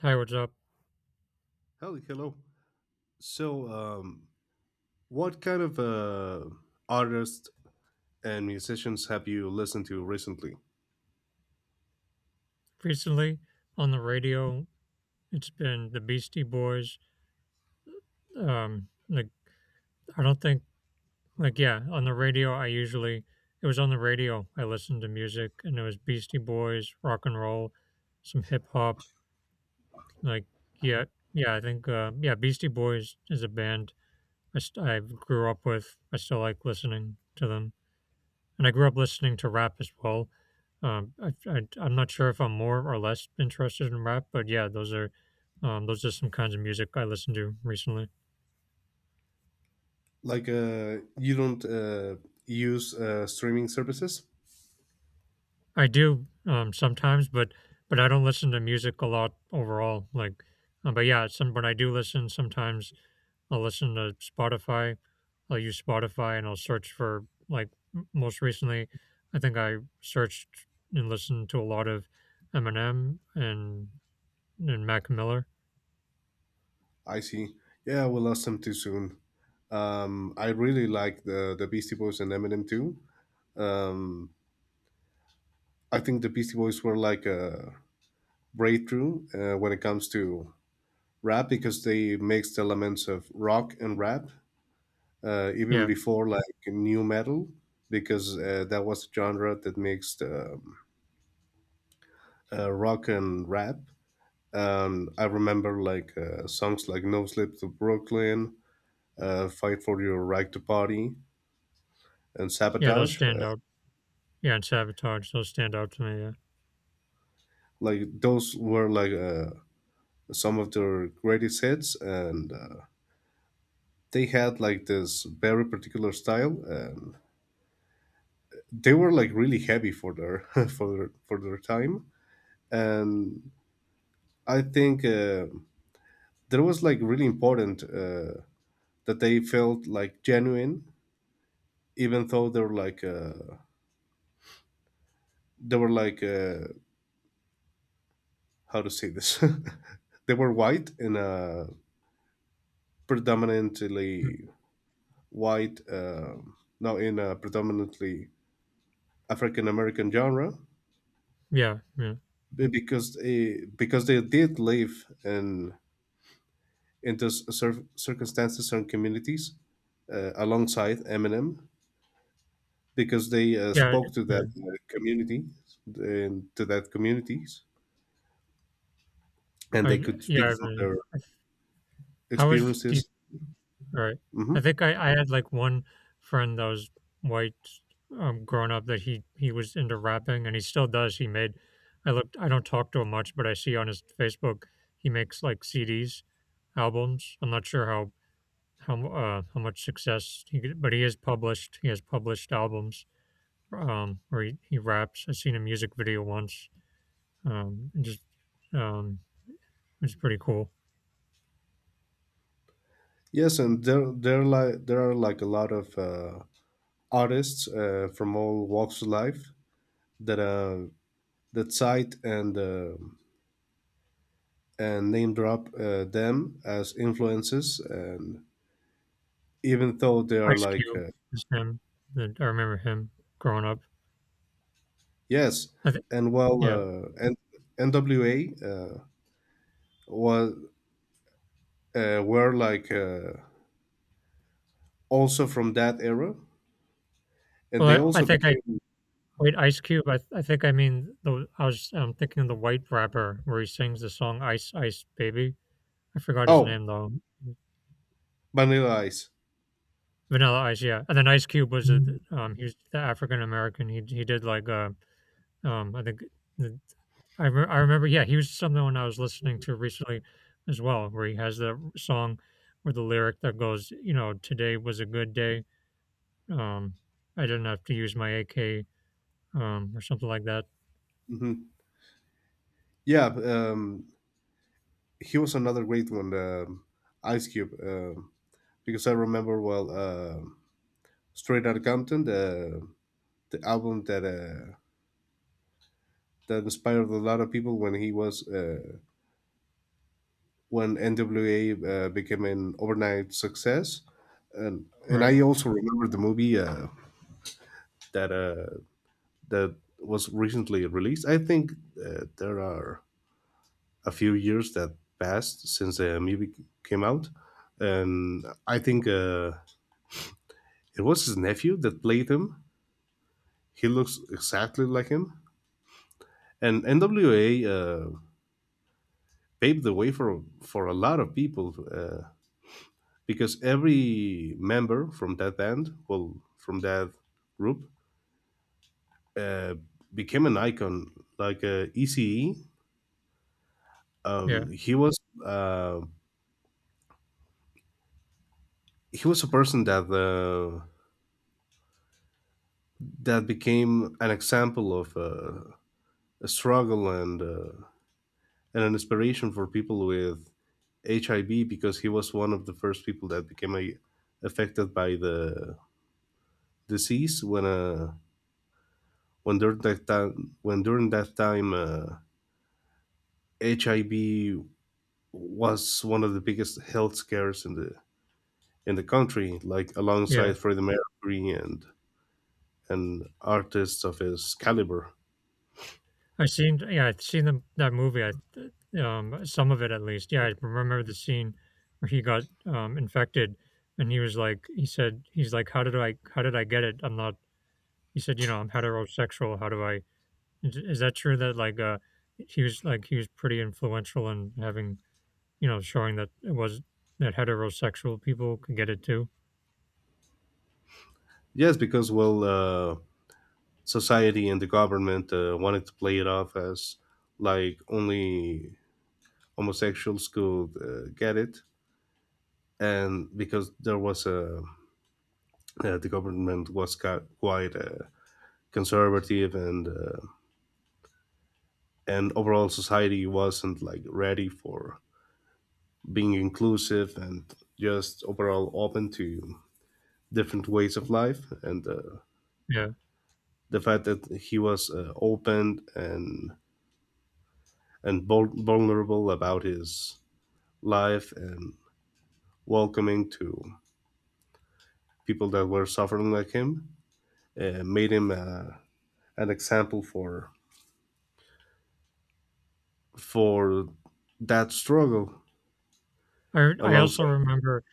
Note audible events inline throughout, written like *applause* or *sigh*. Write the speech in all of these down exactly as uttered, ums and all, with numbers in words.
Hi, what's up? Hello, hello. So, um, what kind of uh, artists and musicians have you listened to recently? Recently on the radio, it's been the Beastie Boys. Um, like I don't think like yeah, on the radio I usually it was on the radio I listened to music and it was Beastie Boys, rock and roll, some hip hop. Like yeah, yeah, I think uh, yeah, Beastie Boys is a band I st- I grew up with. I still like listening to them. and I grew up listening to rap as well. Um, I, I, I'm not sure if I'm more or less interested in rap, but yeah, those are um, those are some kinds of music I listen to recently. Like, uh, you don't uh, use uh, streaming services? I do um, sometimes, but but I don't listen to music a lot overall. Like, uh, but yeah, some but I do listen, sometimes I'll listen to Spotify. I'll use Spotify and I'll search for like m- most recently. I think I searched and listened to a lot of Eminem and and Mac Miller. I see. Yeah, we lost them too soon. Um, I really like the the Beastie Boys and Eminem too. Um, I think the Beastie Boys were like a breakthrough uh, when it comes to rap, because they mixed elements of rock and rap, uh, even Yeah, before like new metal, because uh, that was the genre that mixed um, uh, rock and rap. Um, I remember like uh, songs like "No Sleep to Brooklyn," uh, "Fight for Your Right to Party," and yeah, those "Sabotage." stand Uh, out. Yeah, and Sabotage, those stand out to me, yeah. Like, those were like uh, some of their greatest hits, and uh, they had like this very particular style. And they were like really heavy for their *laughs* for their for their time, and I think. Uh, that was like really important, uh, that they felt like genuine, even though they were like uh, they were like uh, how to say this, *laughs* they were white in a Mm. predominantly white, uh, no, in a predominantly African American genre, Yeah, yeah. be- because they, because they did live in in those cir- circumstances and communities, uh, alongside Eminem, because they uh, Yeah, spoke to yeah. that uh, community, and to that communities, and they I could yeah, speak I from agree. their I th how is do you experiences. all right. hmm I think I I had, like, one friend that was white, um, growing up that he he was into rapping, and he still does, he made I looked I don't talk to him much, but I see on his Facebook, he makes, like, C Ds, albums. I'm not sure how how, mu- uh, how much success he get but he is published he has published albums. um, where he, he raps. I seen a music video once. Um, and just um, it was pretty cool. yes, and there there like there are like a lot of uh, artists uh, from all walks of life that uh that cite and uh, and name drop uh, them as influences, and even though they are Ice like Cube uh, is him. The, I remember him growing up. yes, I think and well, yeah. uh, and NWA uh, was uh, were like uh, also from that era, and they Well, I, I also think I became. wait Ice Cube. I, I think I mean the I was um, thinking of the white rapper where he sings the song Ice Ice Baby. I forgot his Oh, name though. Vanilla Ice. Vanilla Ice, yeah. And then Ice Cube was a, um he was the African American. He he did like uh um I think the I, re- I remember, yeah, he was someone I was listening to recently as well, where he has the song where the lyric that goes, you know, today was a good day. Um, I didn't have to use my A K, um, or something like that. hmm Yeah. um, he was another great one. um Ice Cube, um because I remember, well, um Straight Outta Compton, the the album that uh, that inspired a lot of people when he was uh, when N W A uh, became an overnight success. And and Right. I also remember the movie uh, that uh, that was recently released. I think uh, there are a few years that passed since the movie came out, and I think uh, it was his nephew that played him. He looks exactly like him. And N W A uh, paved the way for for a lot of people, uh, because every member from that band, well, from that group, uh, became an icon. Like, uh, E C E, Yeah. um, he was uh, he was a person that uh, that became an example of uh, a struggle, and uh, and an inspiration for people with H I V, because he was one of the first people that became a, affected by the disease, when uh, when during that time when during that time, uh, H I V was one of the biggest health scares in the in the country, like Yeah. alongside Freddie Mercury and and artists of his caliber. I seen, yeah, I've seen the, that movie. I, th- um, some of it at least. Yeah. I remember the scene where he got, um, infected and he was like, he said, he's like, how did I, how did I get it? I'm not, he said, you know, I'm heterosexual. How do I, Is is that true that, like, uh, he was, like, he was pretty influential in having you know, showing that it was that heterosexual people could get it too? Yes, because, well, uh, society and the government uh, wanted to play it off as like only homosexuals could uh, get it. And because there was a, uh, the government was ca- quite uh, conservative, and uh, and overall society wasn't like ready for being inclusive and just overall open to different ways of life. And uh, Yeah. the fact that he was uh, open and and vul- vulnerable about his life, and welcoming to people that were suffering like him, uh, made him uh, an example for for that struggle I I also alongside. remember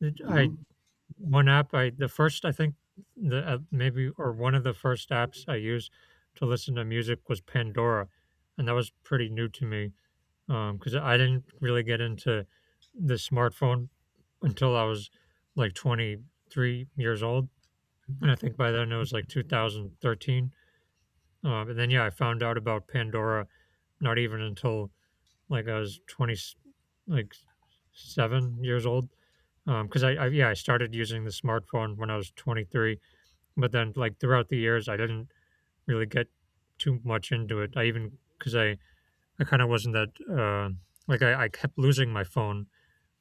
that I Mhm. one app I the first, I think, the uh, maybe or one of the first apps I used to listen to music was Pandora, and that was pretty new to me, because I didn't really get into the smartphone until I was, like, twenty-three years old. And I think by then it was like two thousand thirteen. Um, and then yeah, I found out about Pandora not even until like I was twenty like seven years old. Um, because um, I, I yeah I started using the smartphone when I was twenty-three, but then like throughout the years I didn't really get too much into it. I even because I I kind of wasn't that uh, like I, I kept losing my phone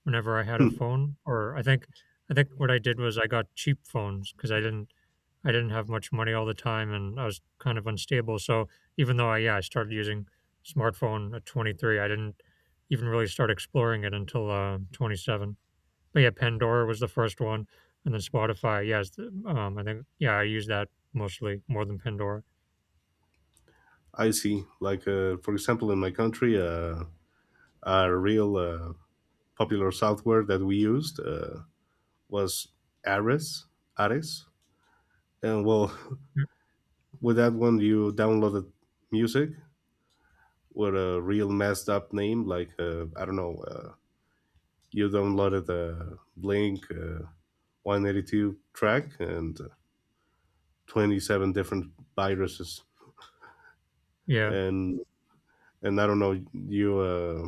whenever I had a Hmm, phone, or I think I think what I did was I got cheap phones because I didn't I didn't have much money all the time and I was kind of unstable. So even though I yeah, I started using smartphone at twenty-three, I didn't even really start exploring it until uh, twenty-seven. But yeah, Pandora was the first one, and then Spotify. Yes, it's um, I think yeah, I use that mostly more than Pandora. I see. Like, uh, for example, in my country, uh, a real uh, popular software that we used uh, was Ares. Ares. And, well, *laughs* Mm. with that one, you downloaded music with a real messed up name. Like, uh, I don't know, uh, you downloaded uh, Blink Uh, one eighty-two track, and uh, twenty-seven different viruses. Yeah, And and I don't know, you uh,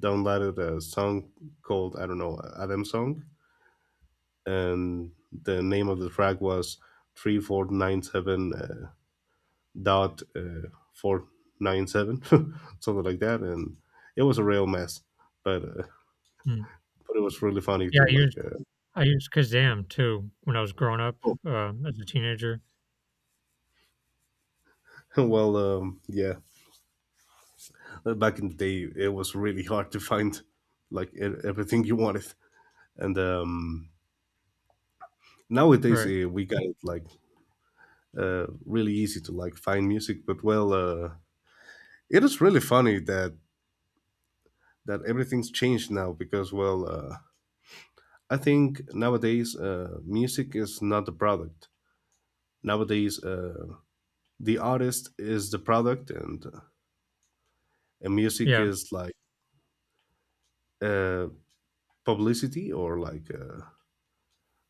downloaded a song called, I don't know, Adam song, and the name of the track was three four nine seven, uh, dot, uh, four nine seven, *laughs* something like that. And it was a real mess, but uh, mm. but it was really funny Yeah, to I like. used Uh, I used Kazam too when I was growing up Oh, uh, as a teenager. *laughs* well, um, yeah. Uh, back in the day, it was really hard to find like e- everything you wanted, and um, nowadays Right. uh, we got it like uh, really easy to like find music. But, well, uh, it is really funny that that everything's changed now, because, well, uh, I think nowadays uh, music is not the product. Nowadays, uh, the artist is the product, and uh, and music Yeah. is like uh, publicity, or like, Uh,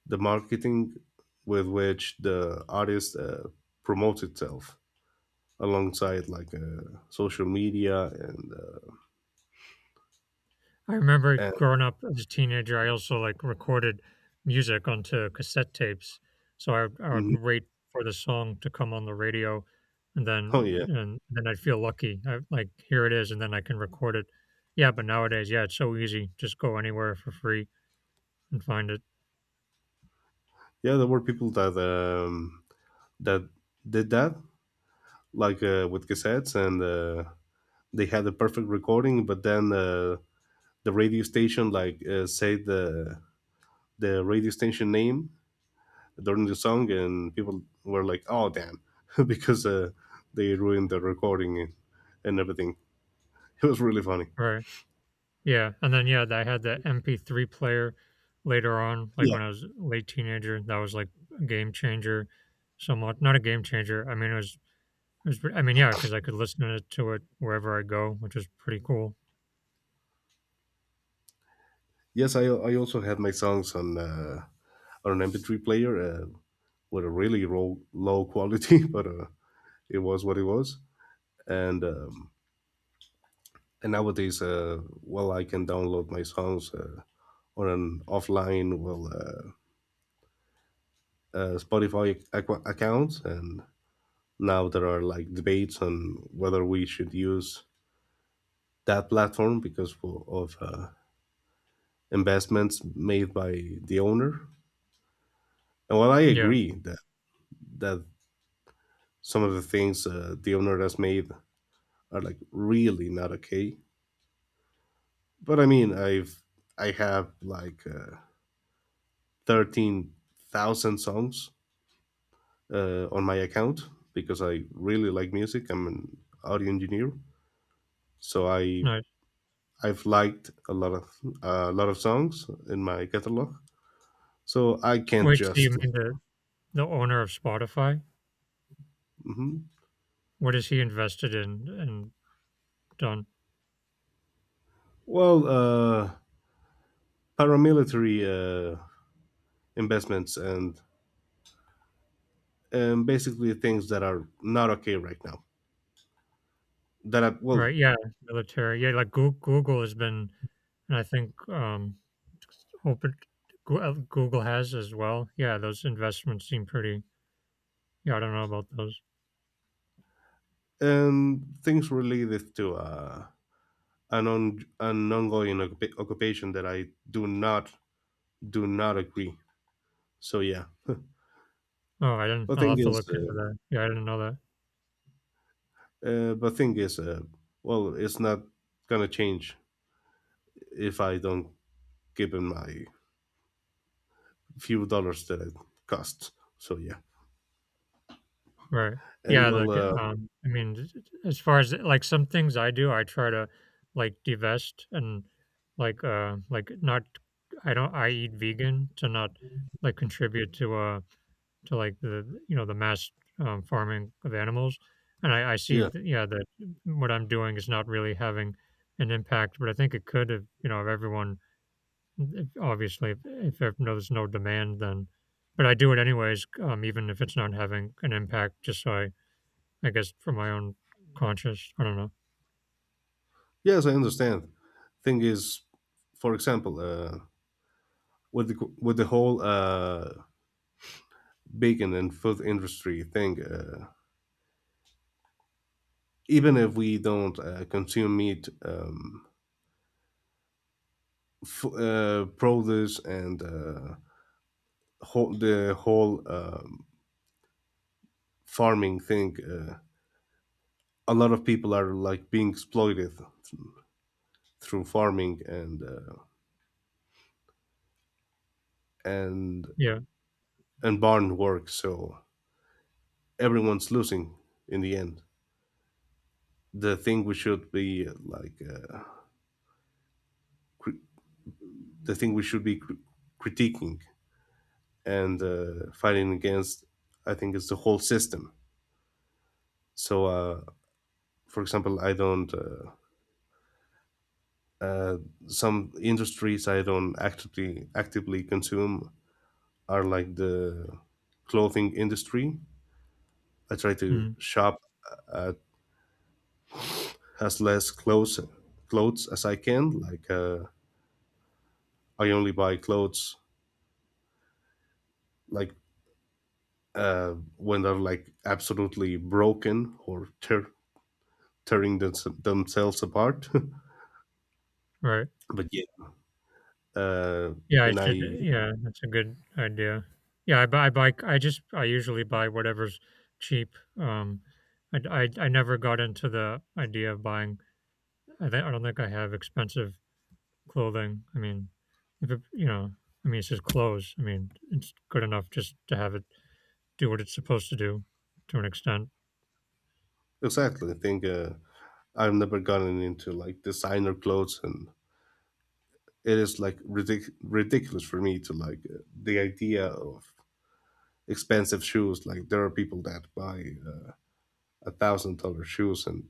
the marketing with which the artist uh, promotes itself, alongside like uh, social media and uh, I remember and *laughs* growing up as a teenager, I also like recorded music onto cassette tapes. So I would, I would Mhm. wait for the song to come on the radio, and Oh then yeah, and then I'd feel lucky. I like here it is, and then I can record it. Yeah, but nowadays, yeah, it's so easy. Just go anywhere for free and find it. yeah, there were people that um, that did that, like uh, with cassettes, and uh, they had the perfect recording, but then uh, the radio station, like uh, say the the radio station name during the song, and people were like, oh damn, *laughs* because uh, they ruined the recording and everything. *laughs* It was really funny. Right. Yeah, and then yeah, I had the M P three player later on, like Yeah. when I was a late teenager. That was like a game changer, somewhat. Not a game changer. I mean, it was It was pre I mean, yeah, because I could listen to it to it wherever I go, which was pretty cool. Yes, I I also had my songs on uh, on an M P three player, uh, with a really low low quality, *laughs* but uh, it was what it was. And um, and nowadays, uh, well, I can download my songs uh, on an offline, well, uh, uh, Spotify ac- account. And now there are like debates on whether we should use that platform because, for, of uh, investments made by the owner. And, well, I Yeah, agree that that some of the things, uh, the owner has made, are like really not okay. But I mean, I've I have like uh, thirteen thousand songs uh, on my account, because I really like music. I'm an audio engineer, so I nice. I've liked a lot of a lot of songs in my catalog. So I can't Wait, so you just like. mean the the owner of Spotify? Mhm. What is he invested in and done? Well, uh, paramilitary uh, investments, and and basically things that are not okay right now, that are, well, Right, yeah, military. Yeah, like, Goo Google has been and I think, um, open Goo uh, Google has as well. Yeah, those investments seem pretty yeah, I don't know about those. um things related to uh an on an ongoing occupa- occupation that I do not do not agree. So, yeah. Oh, I didn't but I'll thing have to is look into uh, that. Yeah, I didn't know that. uh but thing is, uh well, it's not gonna change if I don't give him my few dollars that it costs. So, yeah. Right. And, Yeah, well, like, uh um, I mean, j j as far as, like, some things I do, I try to, like, divest and, like, uh, like, not I don't I eat vegan to not, like, contribute to, uh, to, like, the, you know, the mass, um, farming of animals, and I I see yeah. th yeah, that what I'm doing is not really having an impact, but I think it could if, you know, if everyone if obviously, if if if there's no demand, then but I do it anyways, um, even if it's not having an impact just so I I guess for my own conscious I don't know. Yes, I understand. Thing is, for example, uh with the with the whole uh bacon and food industry thing, uh even if we don't uh, consume meat. um, f- uh, produce, and uh, whole, the whole, um, farming thing, uh, a lot of people are like being exploited through farming, and uh, and Yeah. and barn work. So everyone's losing in the end. The thing we should be uh, like uh, cri- the thing we should be cr- critiquing and uh, fighting against, I think, is the whole system. So, uh, for example, I don't uh, uh, some industries I don't actively actively consume are like the clothing industry. I try to Mhm. shop at as less clothes clothes as I can. Like, uh, I only buy clothes, like, uh, when they're like absolutely broken, or tear, tearing them, themselves apart. Right. *laughs* But, yeah. uh, Yeah, I and should I yeah, that's a good idea. Yeah, I buy I buy I just I usually buy whatever's cheap. Um, I I I never got into the idea of buying I thi I don't think I have expensive clothing. I mean, if it you know, I mean, it's just clothes. I mean, it's good enough just to have it do what it's supposed to do to an extent. Exactly, I think uh, I've never gotten into like designer clothes, and it is like ridic- ridiculous for me to like uh, the idea of expensive shoes. Like, there are people that buy uh, a thousand dollar shoes, and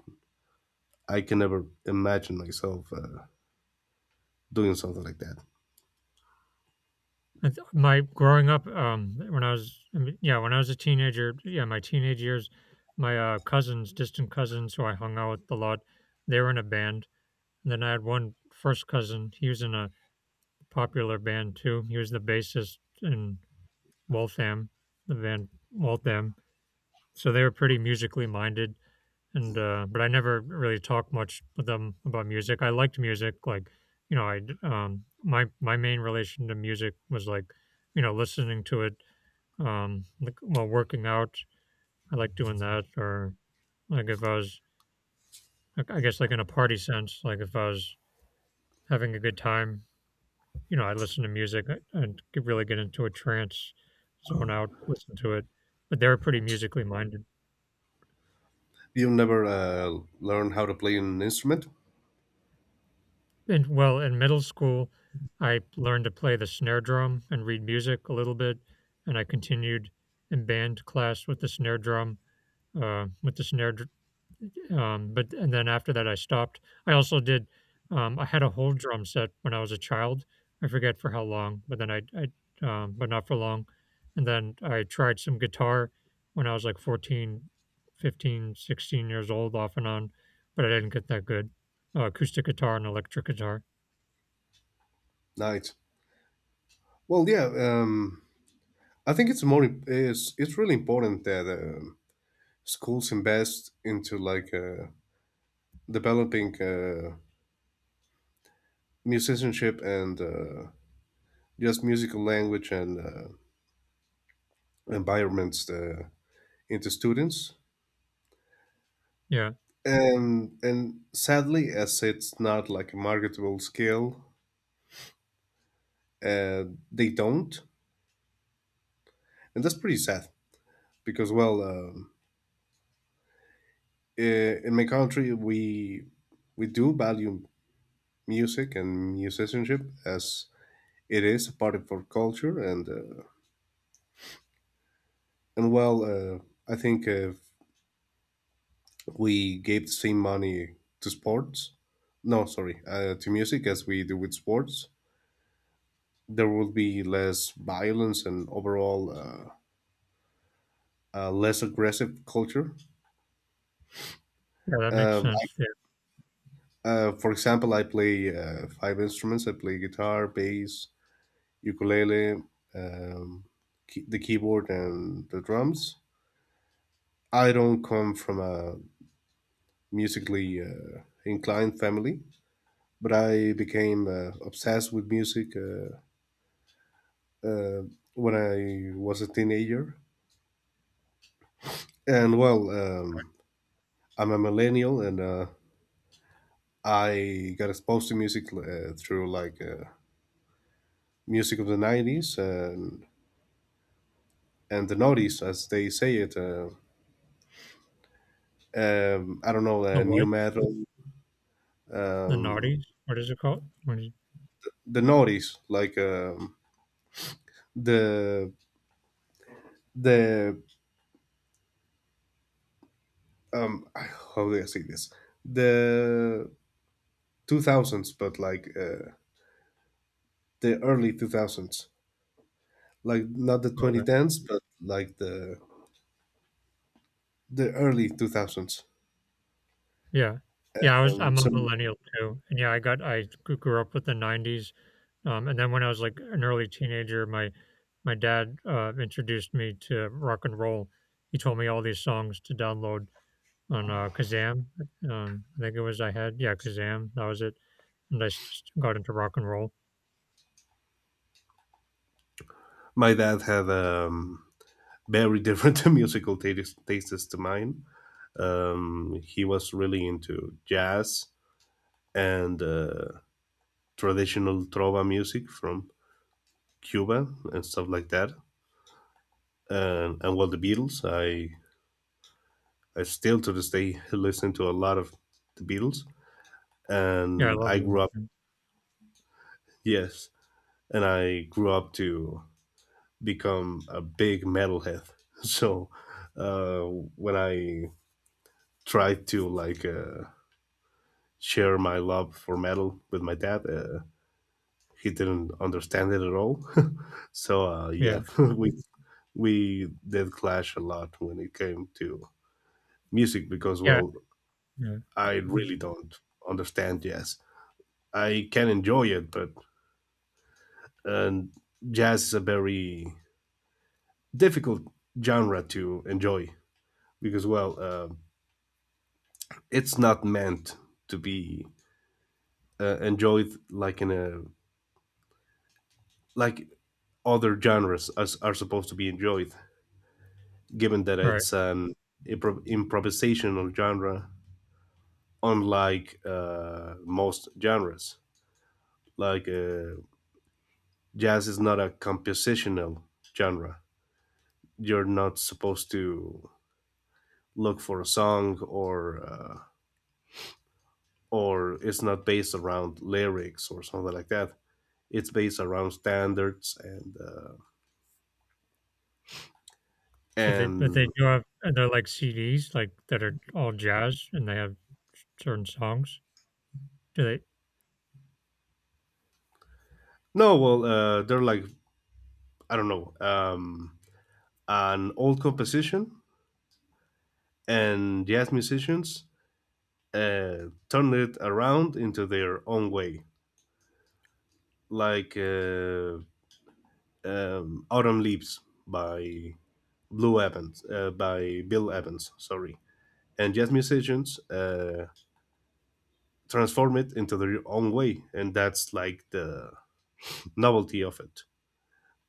I can never imagine myself uh, doing something like that. I th- My growing up, um, when I was, I mean, yeah, when I was a teenager, yeah, my teenage years, my uh, cousins, distant cousins who I hung out with a lot, they were in a band. And then I had one first cousin. He was in a popular band too. He was the bassist in Waltham, the band Waltham. So they were pretty musically minded. And uh, but I never really talked much with them about music. I liked music, like you know, I d- um, my my main relation to music was like you know listening to it um, like while working out, I like doing that. Or like if I was, like, I guess, like in a party sense, like if I was having a good time, you know, I listen to music uh, and get, really get into a trance, zone out, listen to it. But they were pretty musically minded. You never uh, learn how to play an instrument. And well, in middle school, I learned to play the snare drum and read music a little bit, and I continued in band class with the snare drum, uh, with the snare dr- Um, but and then after that, I stopped. I also did. Um, I had a whole drum set when I was a child. I forget for how long, but then I, I, um, but not for long. And then I tried some guitar when I was like fourteen, fifteen, sixteen years old, off and on, but I didn't get that good. Uh, acoustic guitar and electric guitar. Nice. Well, yeah. Um, I think it's more. It's it's really important that um schools invest into like uh, developing uh, musicianship, and uh, just musical language and uh, environments uh, into students. Yeah, And and sadly, as it's not like a marketable skill, uh, they don't, and that's pretty sad because, well, um, i- in my country we we do value music and musicianship, as it is a part of our culture. And uh, and well, uh, I think if we gave the same money to sports, no sorry, uh, to music as we do with sports, there will be less violence and overall uh, uh, less aggressive culture. yeah, that makes Um, I- sense. Yeah. uh, for example, I play uh, five instruments. I play guitar, bass, ukulele, um, key- the keyboard, and the drums. I don't come from a musically uh, inclined family, but I became uh, obsessed with music uh, uh, when I was a teenager. And, well, um, I'm a millennial, and uh, I got exposed to music uh, through like uh, music of the nineties, and and the noughties, as they say it. Uh, um, I don't know, The uh, new what? metal, The um, naughties? What is it called? What is the noughties, like, um, the, the, um, *sighs* how do I say this? The two thousands, but like uh, the early two thousands, like not the okay. twenty tens, but like the, the early two thousands. Yeah, yeah. Yeah, I was. Um, I'm a so millennial too, and yeah, I got. I g- grew up with the nineties. Um, and then when I was like an early teenager, my my dad uh, introduced me to rock and roll. He told me all these songs to download on uh, Kazam. Um, I think it was I had yeah Kazam. That was it. And I s- just got into rock and roll. my dad had um, very different *laughs* musical tastes, tastes to mine. Um, he was really into jazz and uh, traditional trova music from Cuba and stuff like that. And, and well, the Beatles, I I still to this day *laughs* listen to a lot of the Beatles. Yeah, I And love I them. grew up, Mm. yes, and I grew up to become a big metalhead. *laughs* So uh, when I tried to like uh, share my love for metal with my dad. Uh, he didn't understand it at all. *laughs* So uh, Yeah, yeah, *laughs* we we did clash a lot when it came to music, because, yeah, well, yeah. I Mm. really don't understand jazz. I can enjoy it, but, and jazz is a very difficult genre to enjoy because, well, uh, it's not meant to be uh, enjoyed, like in a, like, other genres as are supposed to be enjoyed, given that Right. it's an impro- improvisational genre, unlike uh, most genres. Like, uh, jazz is not a compositional genre. You're not supposed to look for a song, or uh, or it's not based around lyrics or something like that. It's based around standards and uh, So they, but they and do have and they're like C Ds like that are all jazz and they have certain songs. Do they? no, well, uh, they're like, I don't know, um, an old composition, and jazz musicians uh, turn it around into their own way. Like, uh, um, "Autumn Leaves" by Blue Evans, uh, by Bill Evans, sorry. And jazz musicians uh, transform it into their own way, and that's like the novelty of it.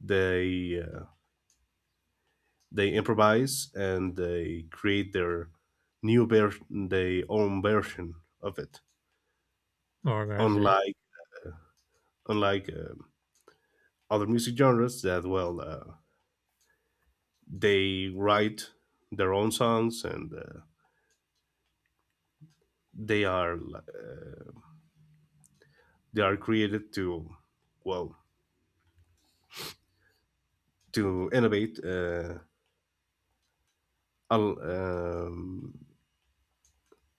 They uh, they improvise, and they create their new version, their own version of it. Oh, I see. Unlike Unlike um other music genres, that, well, uh, they write their own songs, and uh, they are li- they are created to, well, to innovate, uh, al- um,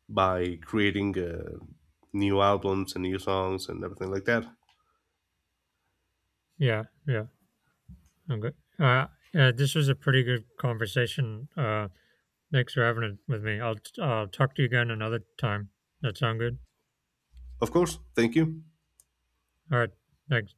by creating uh, new albums and new songs and everything like that. Yeah, yeah. Okay. Uh, yeah. This was a pretty good conversation. Uh, Thanks for having it with me. I'll uh, talk to you again another time. That sound good? Of course, thank you. All right. Thanks.